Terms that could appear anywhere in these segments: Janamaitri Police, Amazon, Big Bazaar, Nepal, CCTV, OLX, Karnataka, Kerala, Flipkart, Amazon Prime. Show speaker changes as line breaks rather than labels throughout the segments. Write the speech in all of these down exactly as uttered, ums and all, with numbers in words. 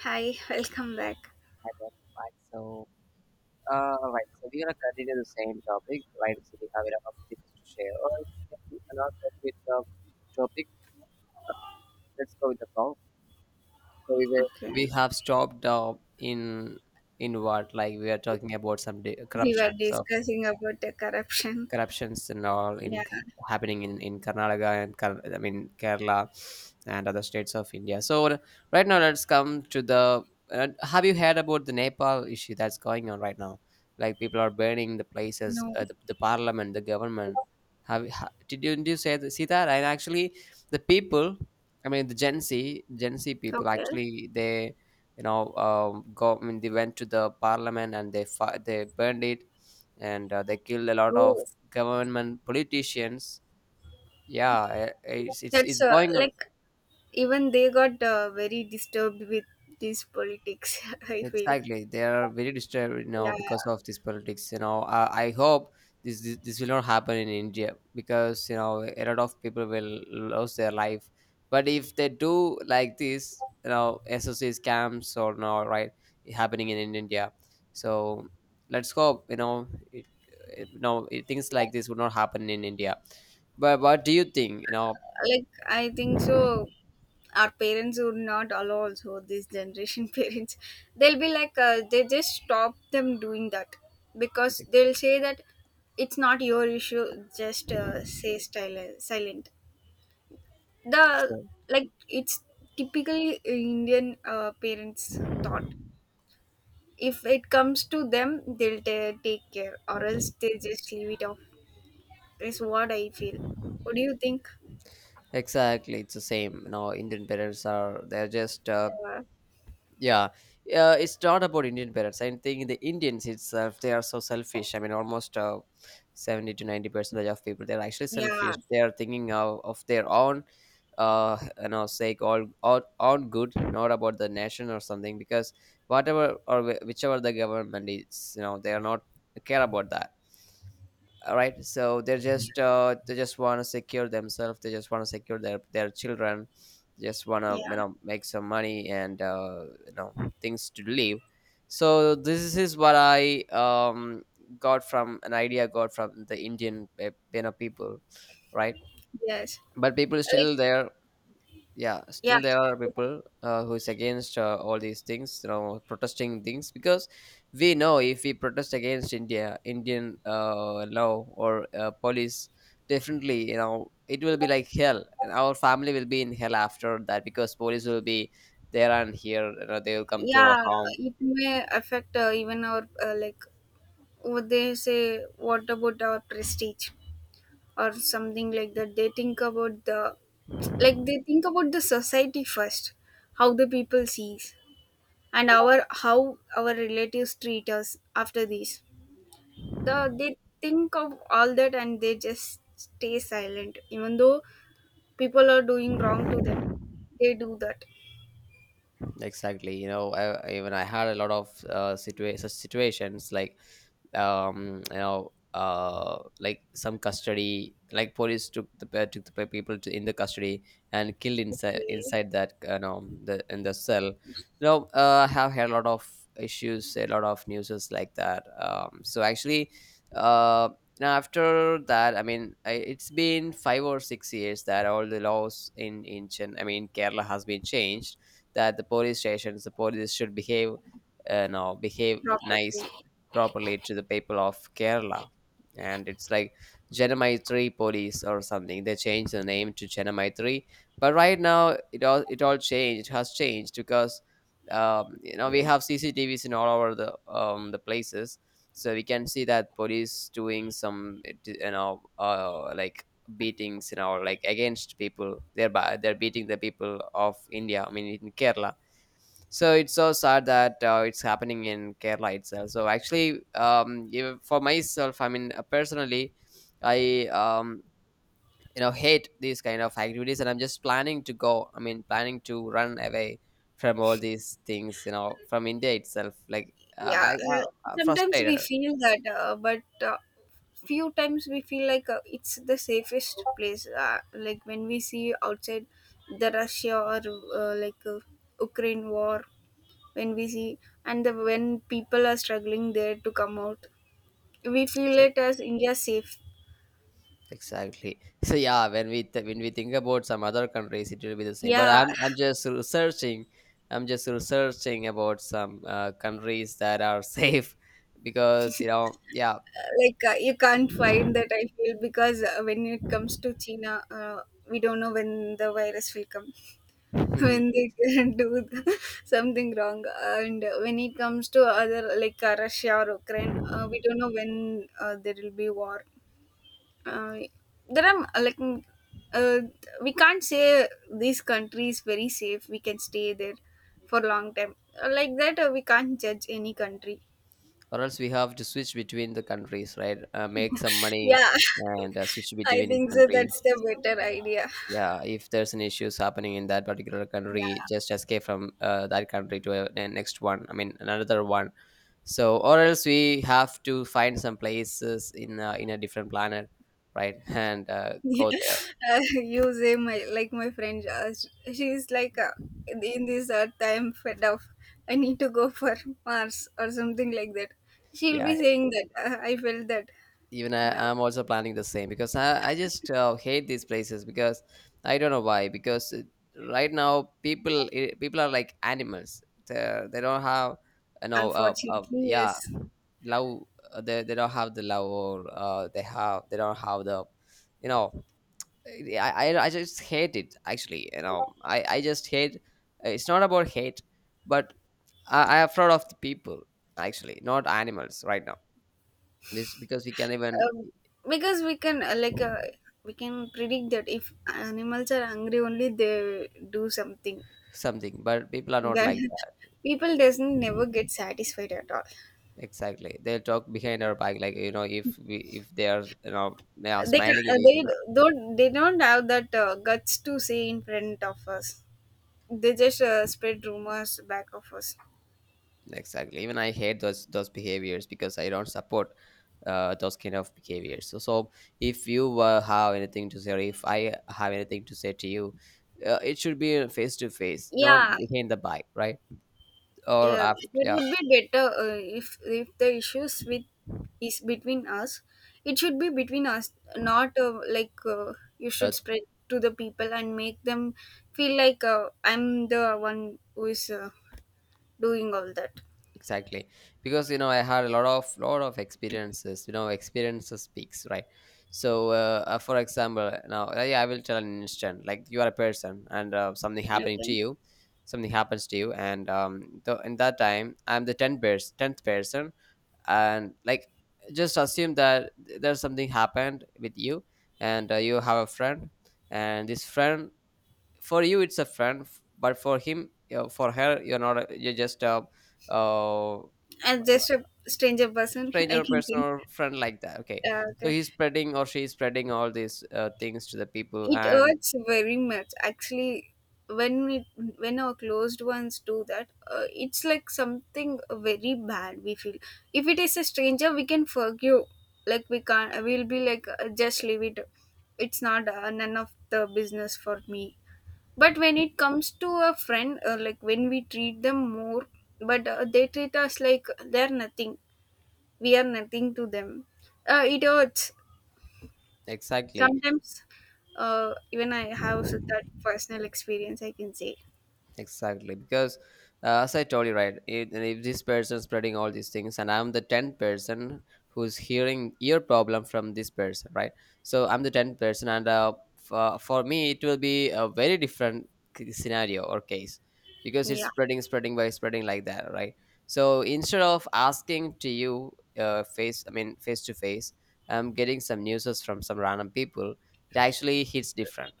Hi, welcome back.
Hi, welcome back. So, uh, right, so we're gonna continue the same topic, right? So we have enough of things to share, or else we can not talk with the topic. Uh, let's go with the song. So we were,
Okay,
we have stopped uh, in in what like we are talking about some de-
we
corruption.
were
So
discussing about the corruption.
corruptions and all in
Yeah,
happening in in Karnataka and Kar- I mean Kerala and other states of India. So right now, let's come to the. Uh, have you heard about the Nepal issue that's going on right now? Like people are burning the places,
no.
uh, the, the parliament, the government. Have you- ha, did you did you say see that? And actually, the people, I mean the Gen Z, Gen Z people
Okay.
actually they you know um, go I mean they went to the parliament and they fi- they burned it and uh, they killed a lot of
Oh,
government politicians. Yeah, uh, it's it's
that's
it's
uh,
going on.
like even they got uh, very disturbed with this politics. I feel.
Exactly, they are very disturbed you now
Yeah,
because of this politics. You know, uh, I hope this, this this will not happen in India because you know a lot of people will lose their life. But if they do like this, you know, S O C scams or no, right, happening in, in India. So let's hope you know it, it, you know it, things like this would not happen in India. But what do you think? You know,
like I think so. Our parents would not allow also this generation parents. They'll be like uh, they just stop them doing that because they'll say that it's not your issue. Just uh, say style silent. The
Exa-
Like it's typically indian uh, parents thought. If it comes to them they'll ta take care, or else they just leave it off. That's what I feel. What do you think?
Exactly, it's the same. You know, Indian parents are they're just uh,
uh,
yeah. Uh, it's not about Indian parents. I think the Indians itself they are so selfish. I mean, almost uh, seventy to ninety percent of people they're actually selfish.
yeah
They are thinking of, of their own, uh, you know, sake all all own good, not about the nation or something. Because whatever or wh- whichever the government is, you know, they are not care about that. All right, so they're just uh, they just want to secure themselves, they just want to secure their their children, they just want to you
yeah
know make some money and uh, you know things to live. So this is what i um got from an idea I got from the indian uh, you know people, right?
yes.
But people
like
still there. Yeah,
yeah,
still there are people uh, who is against uh, all these things you know protesting things because we know if we protest against india indian uh, law or uh, police, definitely you know it will be like hell and our family will be in hell after that because police will be there and here you know, they will come to our
yeah,
home.
it may affect uh, even our uh, like what they say, what about our prestige or something like that. They think about the, like they think about the society first, how the people sees, and our how our relatives treat us after this. The they think of all that and they just stay silent even though people are doing wrong to them, they do that.
Exactly. You know, I, even I had a lot of uh, situa- such situations like, um, you know, uh, like some custody, like police took the pe- took the pe- people to, in the custody and killed inside
Okay.
inside that you know the in the cell. You know, uh, I have had a lot of issues, a lot of newses like that. Um, so actually, uh, now after that, I mean, I, it's been five or six years that all the laws in in Chen, I mean, Kerala has been changed, that the police stations, the police should behave, uh, no, behave
Properly.
nice, properly to the people of Kerala. And it's like Janamaitri Police or something. They changed the name to Janamaitri, but right now it all it all changed. It has changed because um, you know we
Yeah.
have C C T Vs in all over the um, the places, so we can see that police doing some you know uh, like beatings, you know, like against people. They're ba- they're beating the people of india I mean in kerala. So it's so sad that uh, it's happening in kerala itself. So actually, um even for myself, I mean, uh, personally i um you know hate these kind of activities, and I'm just planning to go, I mean planning to run away from all these things, you know, from india itself. Like uh,
Yeah,
I, I
uh,
I'm
sometimes we
frustrated.
feel that, uh, but uh, few times we feel like uh, it's the safest place. Uh, like when we see outside the Russia or uh, like uh, Ukraine war, when we see, and the, when people are struggling there to come out, we feel it as India safe.
Exactly. So yeah, when we th- when we think about some other countries, it will be the same. But
Yeah.
I'm I'm just researching. I'm just researching about some uh, countries that are safe because you know, yeah,
Like uh, you can't find that, I feel, because uh, when it comes to China, uh, we don't know when the virus will come. When they can do something wrong. And when it comes to other, like uh, Russia or Ukraine, uh, we don't know when uh, there will be war. Uh, there are like mm, uh, we can't say this country is very safe, we can stay there for a long time. Uh, like that, uh, we can't judge any country.
or else we have to switch between the countries, right? Uh, make some money
Yeah.
and uh, switch
I
between
think so, that's
countries.
the better idea.
Yeah, if there's an issues happening in that particular country,
Yeah.
just escape from uh, that country to a, a next one. I mean another one. So or else we have to find some places in uh, in a different planet, right? And uh,
Yeah.
go there.
Uh, you say, my like my friend uh, sh- she's like uh, in this earth I am fed up, I need to go for Mars or something like that, she'll
Yeah,
be saying that. uh, I felt that.
even I,
No.
I'm also planning the same because i, I just uh, hate these places because I don't know why. Because uh, right now people eh, people are like animals. They're, they they do not have you know uh, uh,
Unfortunately,
yeah
yes.
love. Uh, they, they don't have the love, or uh, they have they don't have the you know, yeah, I, I, I just hate it actually. You know, I, I just hate, uh, it's not about hate, but I, I'm afraid of the people, actually not animals right now, this because we can even
um, because we can uh, like uh, we can predict that if animals are hungry only they do something.
something but people are not
That
like that.
People doesn't never get satisfied at all.
Exactly, they'll talk behind our back. Like you know if we if they are you know they are
they ca-
smiling at
uh,
each
they
other.
don't, they don't have that uh, guts to say in front of us. They just uh, spread rumors back of us.
Exactly, even I hate those those behaviors because I don't support uh, those kind of behaviors. So, so if you uh, have anything to say, or if I have anything to say to you, uh, it should be face to face, not
Yeah.
behind the back, right? Or
Yeah,
after,
that
yeah,
would be better uh, if if the issues with is between us, it should be between us, not uh, like uh, you
uh,
should spread to the people and make them feel like uh, I'm the one who is uh, doing all that.
exactly. Because you know, I had a lot of lot of experiences. You know, experiences speaks, right? So, uh, uh, for example, now uh, yeah, I will tell an instant. Like you are a person, and uh, something happening to
Okay.
you, something happens to you, and um, th- in that time, I'm the tenth pers- tenth person and like just assume that th- there's something happened with you and uh, you have a friend and this friend, for you it's a friend f- but for him, uh, for her you're not a, you're just a uh,
And just a stranger person. I
stranger
can
person
think.
or friend, like that. Okay,
Uh,
so
okay.
he's spreading or she's spreading all these uh, things to the people.
It
And
hurts very much. Actually, when it when our closed ones do that, uh, it's like something very bad, we feel. If it is a stranger, we can forgive. Like we can't, we'll be like uh, just leave it, it's not uh, none of the business for me. But when it comes to a friend, uh, like when we treat them more, but uh, they treat us like they're nothing, we are nothing to them. Uh, it hurts
exactly.
sometimes. Uh, even I have s- that personal experience, I can say.
Exactly, because uh, as I told you, right? If, if this person spreading all these things, and I'm the tenth person who's hearing ear problem from this person, right? So I'm the tenth person, and uh, for, for me, it will be a very different c- scenario or case because it's
Yeah.
spreading, spreading by spreading like that, right? So instead of asking to you, uh, face, I mean, face to face, I'm getting some news from some random people. It actually hits different.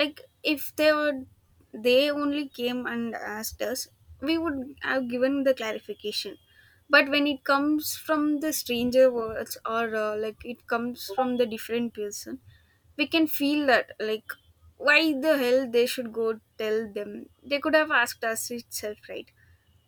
Like if they would, they only came and asked us, we would have given the clarification. But when it comes from the stranger words, or uh, like it comes from the different person, we can feel that like, why the hell they should go tell them, they could have asked us itself, right?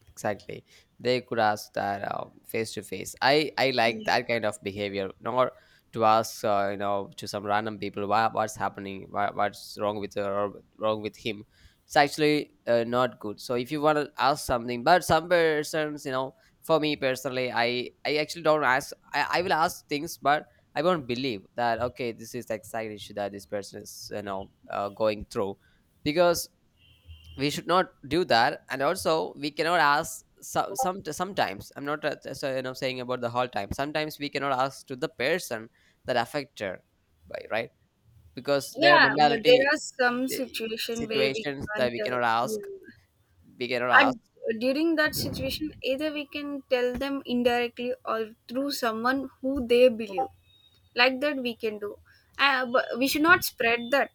Exactly, they could ask that uh, face to face. I i like that
Yeah.
kind of behavior, not to ask uh, you know to some random people why what's happening, why what's wrong with her or wrong with him. It's actually uh, not good. So if you want to ask something but some persons, you know, for me personally i i actually don't ask. i, I will ask things but I won't believe that, okay, this is the exact issue that this person is you know uh, going through because we should not do that. And also we cannot ask some, some sometimes I'm not uh, so, you know saying about the whole time. Sometimes we cannot ask to the person that affected by, right? Because their
Yeah, but there
mentality,
are some
eh,
situation where we
situations that
can't.
we
Uh,
cannot
yeah.
ask, we cannot ask.
And during that situation, either we can tell them indirectly or through someone who they believe. Like that, we can do. Uh, but we should not spread that,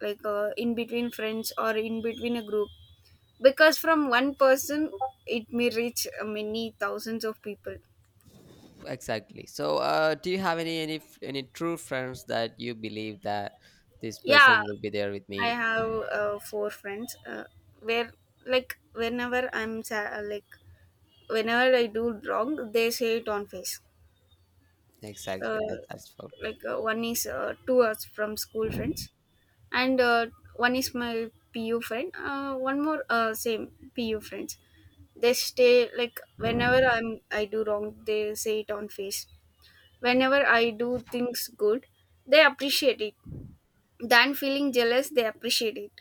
like uh, in between friends or in between a group, because from one person it may reach uh, many thousands of people.
Exactly, so uh, do you have any any f- any true friends that you believe that this
Yeah,
person will be there with
I
me?
have uh, four friends uh, where like whenever I'm sad, like whenever I do wrong, they say it on face.
Exactly,
Uh,
that's that's for.
like uh, one is uh, two us from school friends, and uh, one is my P U friend. Uh, one more uh, same P U friends. They stay like whenever I'm I do wrong, they say it on face. Whenever I do things good, they appreciate it. Than feeling jealous, they appreciate it.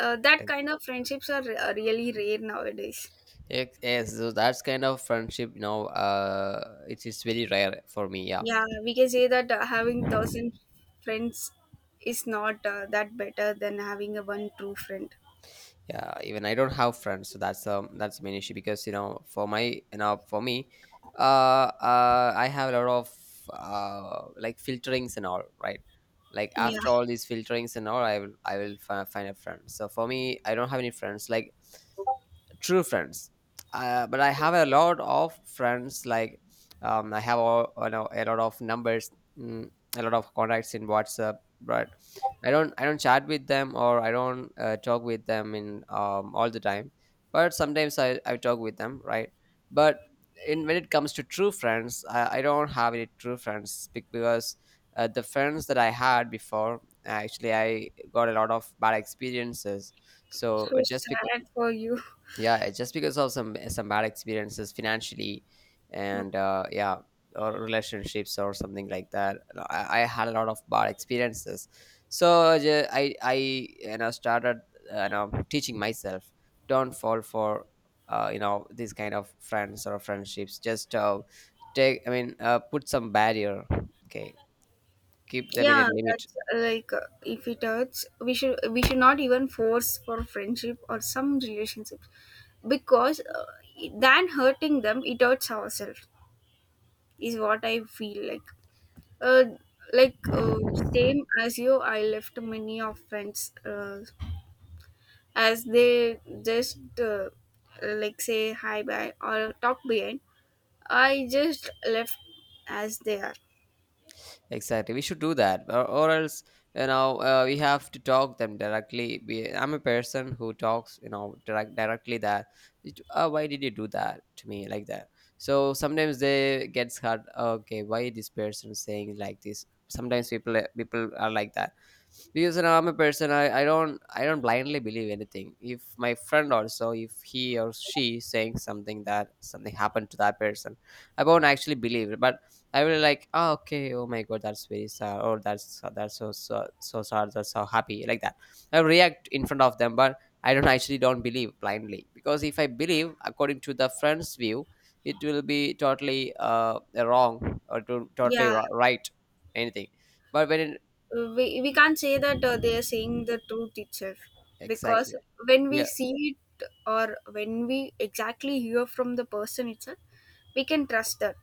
Uh, that kind of friendships are uh, really rare nowadays.
Yes, yes, so that's kind of friendship, you know, uh, it is very rare for me. Yeah,
Yeah, we can say that uh, having thousand friends is not uh, that better than having a one true friend.
yeah. Even I don't have friends, so that's um that's the main issue because you know, for my you know, for me, uh, uh, I have a lot of uh like filterings and all, right? Like
Yeah,
after all these filterings and all, I will I will fi- find a friend. So for me, I don't have any friends. Like true friends, uh, but I have a lot of friends. Like um, I have all, you know, a lot of numbers, mm, a lot of contacts in whatsapp, but i don't i don't chat with them, or I don't uh, talk with them in um, all the time, but sometimes i, I talk with them, right? But in, when it comes to true friends, i, I don't have any true friends bec- because uh, the friends that I had before, actually I got a lot of bad experiences. So
so
just because,
sad for you.
yeah, it's just because of some some bad experiences financially and uh, yeah, or relationships or something like that. No, I, I had a lot of bad experiences. So ju- i i you know started uh, you know teaching myself, don't fall for uh, you know these kind of friends or friendships. Just uh, take I mean uh, put some barrier, okay, keep
Okay.
them in a
Yeah,
limit.
that's uh, like uh, if it hurts, we should we should not even force for friendship or some relationships, because uh, than hurting them, it hurts ourselves, is what I feel like. Uh, like uh, Same as you, I left many of friends. Uh, as they just uh, like say hi bye or talk behind, I just left as they are.
Exactly, we should do that, or, or else you know uh, we have to talk them directly. We, I'm a person who talks, you know, direct, directly that. "It- Uh, why did you do that to me like that?" So sometimes they gets hurt. Okay, why this person saying like this? Sometimes people uh, people are like that because you know, I'm a person. I, I don't I don't blindly believe anything. If my friend also, if he or she saying something that something happened to that person, I won't actually believe it. But I will like, oh, okay, oh my god, that's very sad, or that's that's so so so sad, that's so happy, like that. I react in front of them, but I don't actually don't believe blindly because if I believe according to the friend's view, it will be totally uh wrong or to, totally
Yeah.
ri- right anything. But when it,
We, we can't say that uh, they are saying the truth itself,
exactly,
because when we
yeah,
see it or when we exactly hear from the person itself, we can trust that.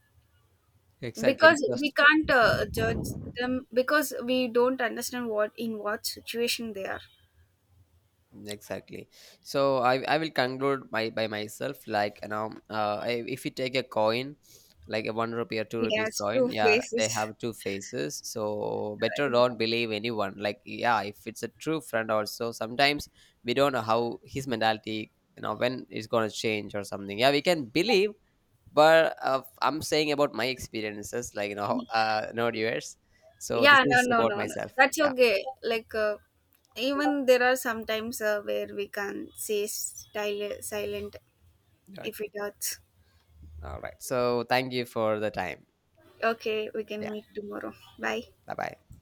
exactly
Because we
because
can't uh, judge them, because we don't understand what in what situation they are.
exactly. So i i will conclude my by myself. Like you know uh I, if you take a coin like a one rupee or two
It
rupees
has
coin,
two
yeah, they
faces.
have two faces, so better
Uh,
don't
yeah.
believe anyone. Like yeah, if it's a true friend also, sometimes we don't know how his mentality, you know, when it's gonna change or something. Yeah, we can believe, but uh, I'm saying about my experiences like you know uh not yours. So this
Yeah, no,
is
no,
about
no, no,
myself.
that's
Yeah,
okay. Like uh, even there are sometimes uh, where we can say style silent
okay.
if it hurts.
All right, so thank you for the time.
Okay, we can meet tomorrow. Bye.
Bye bye.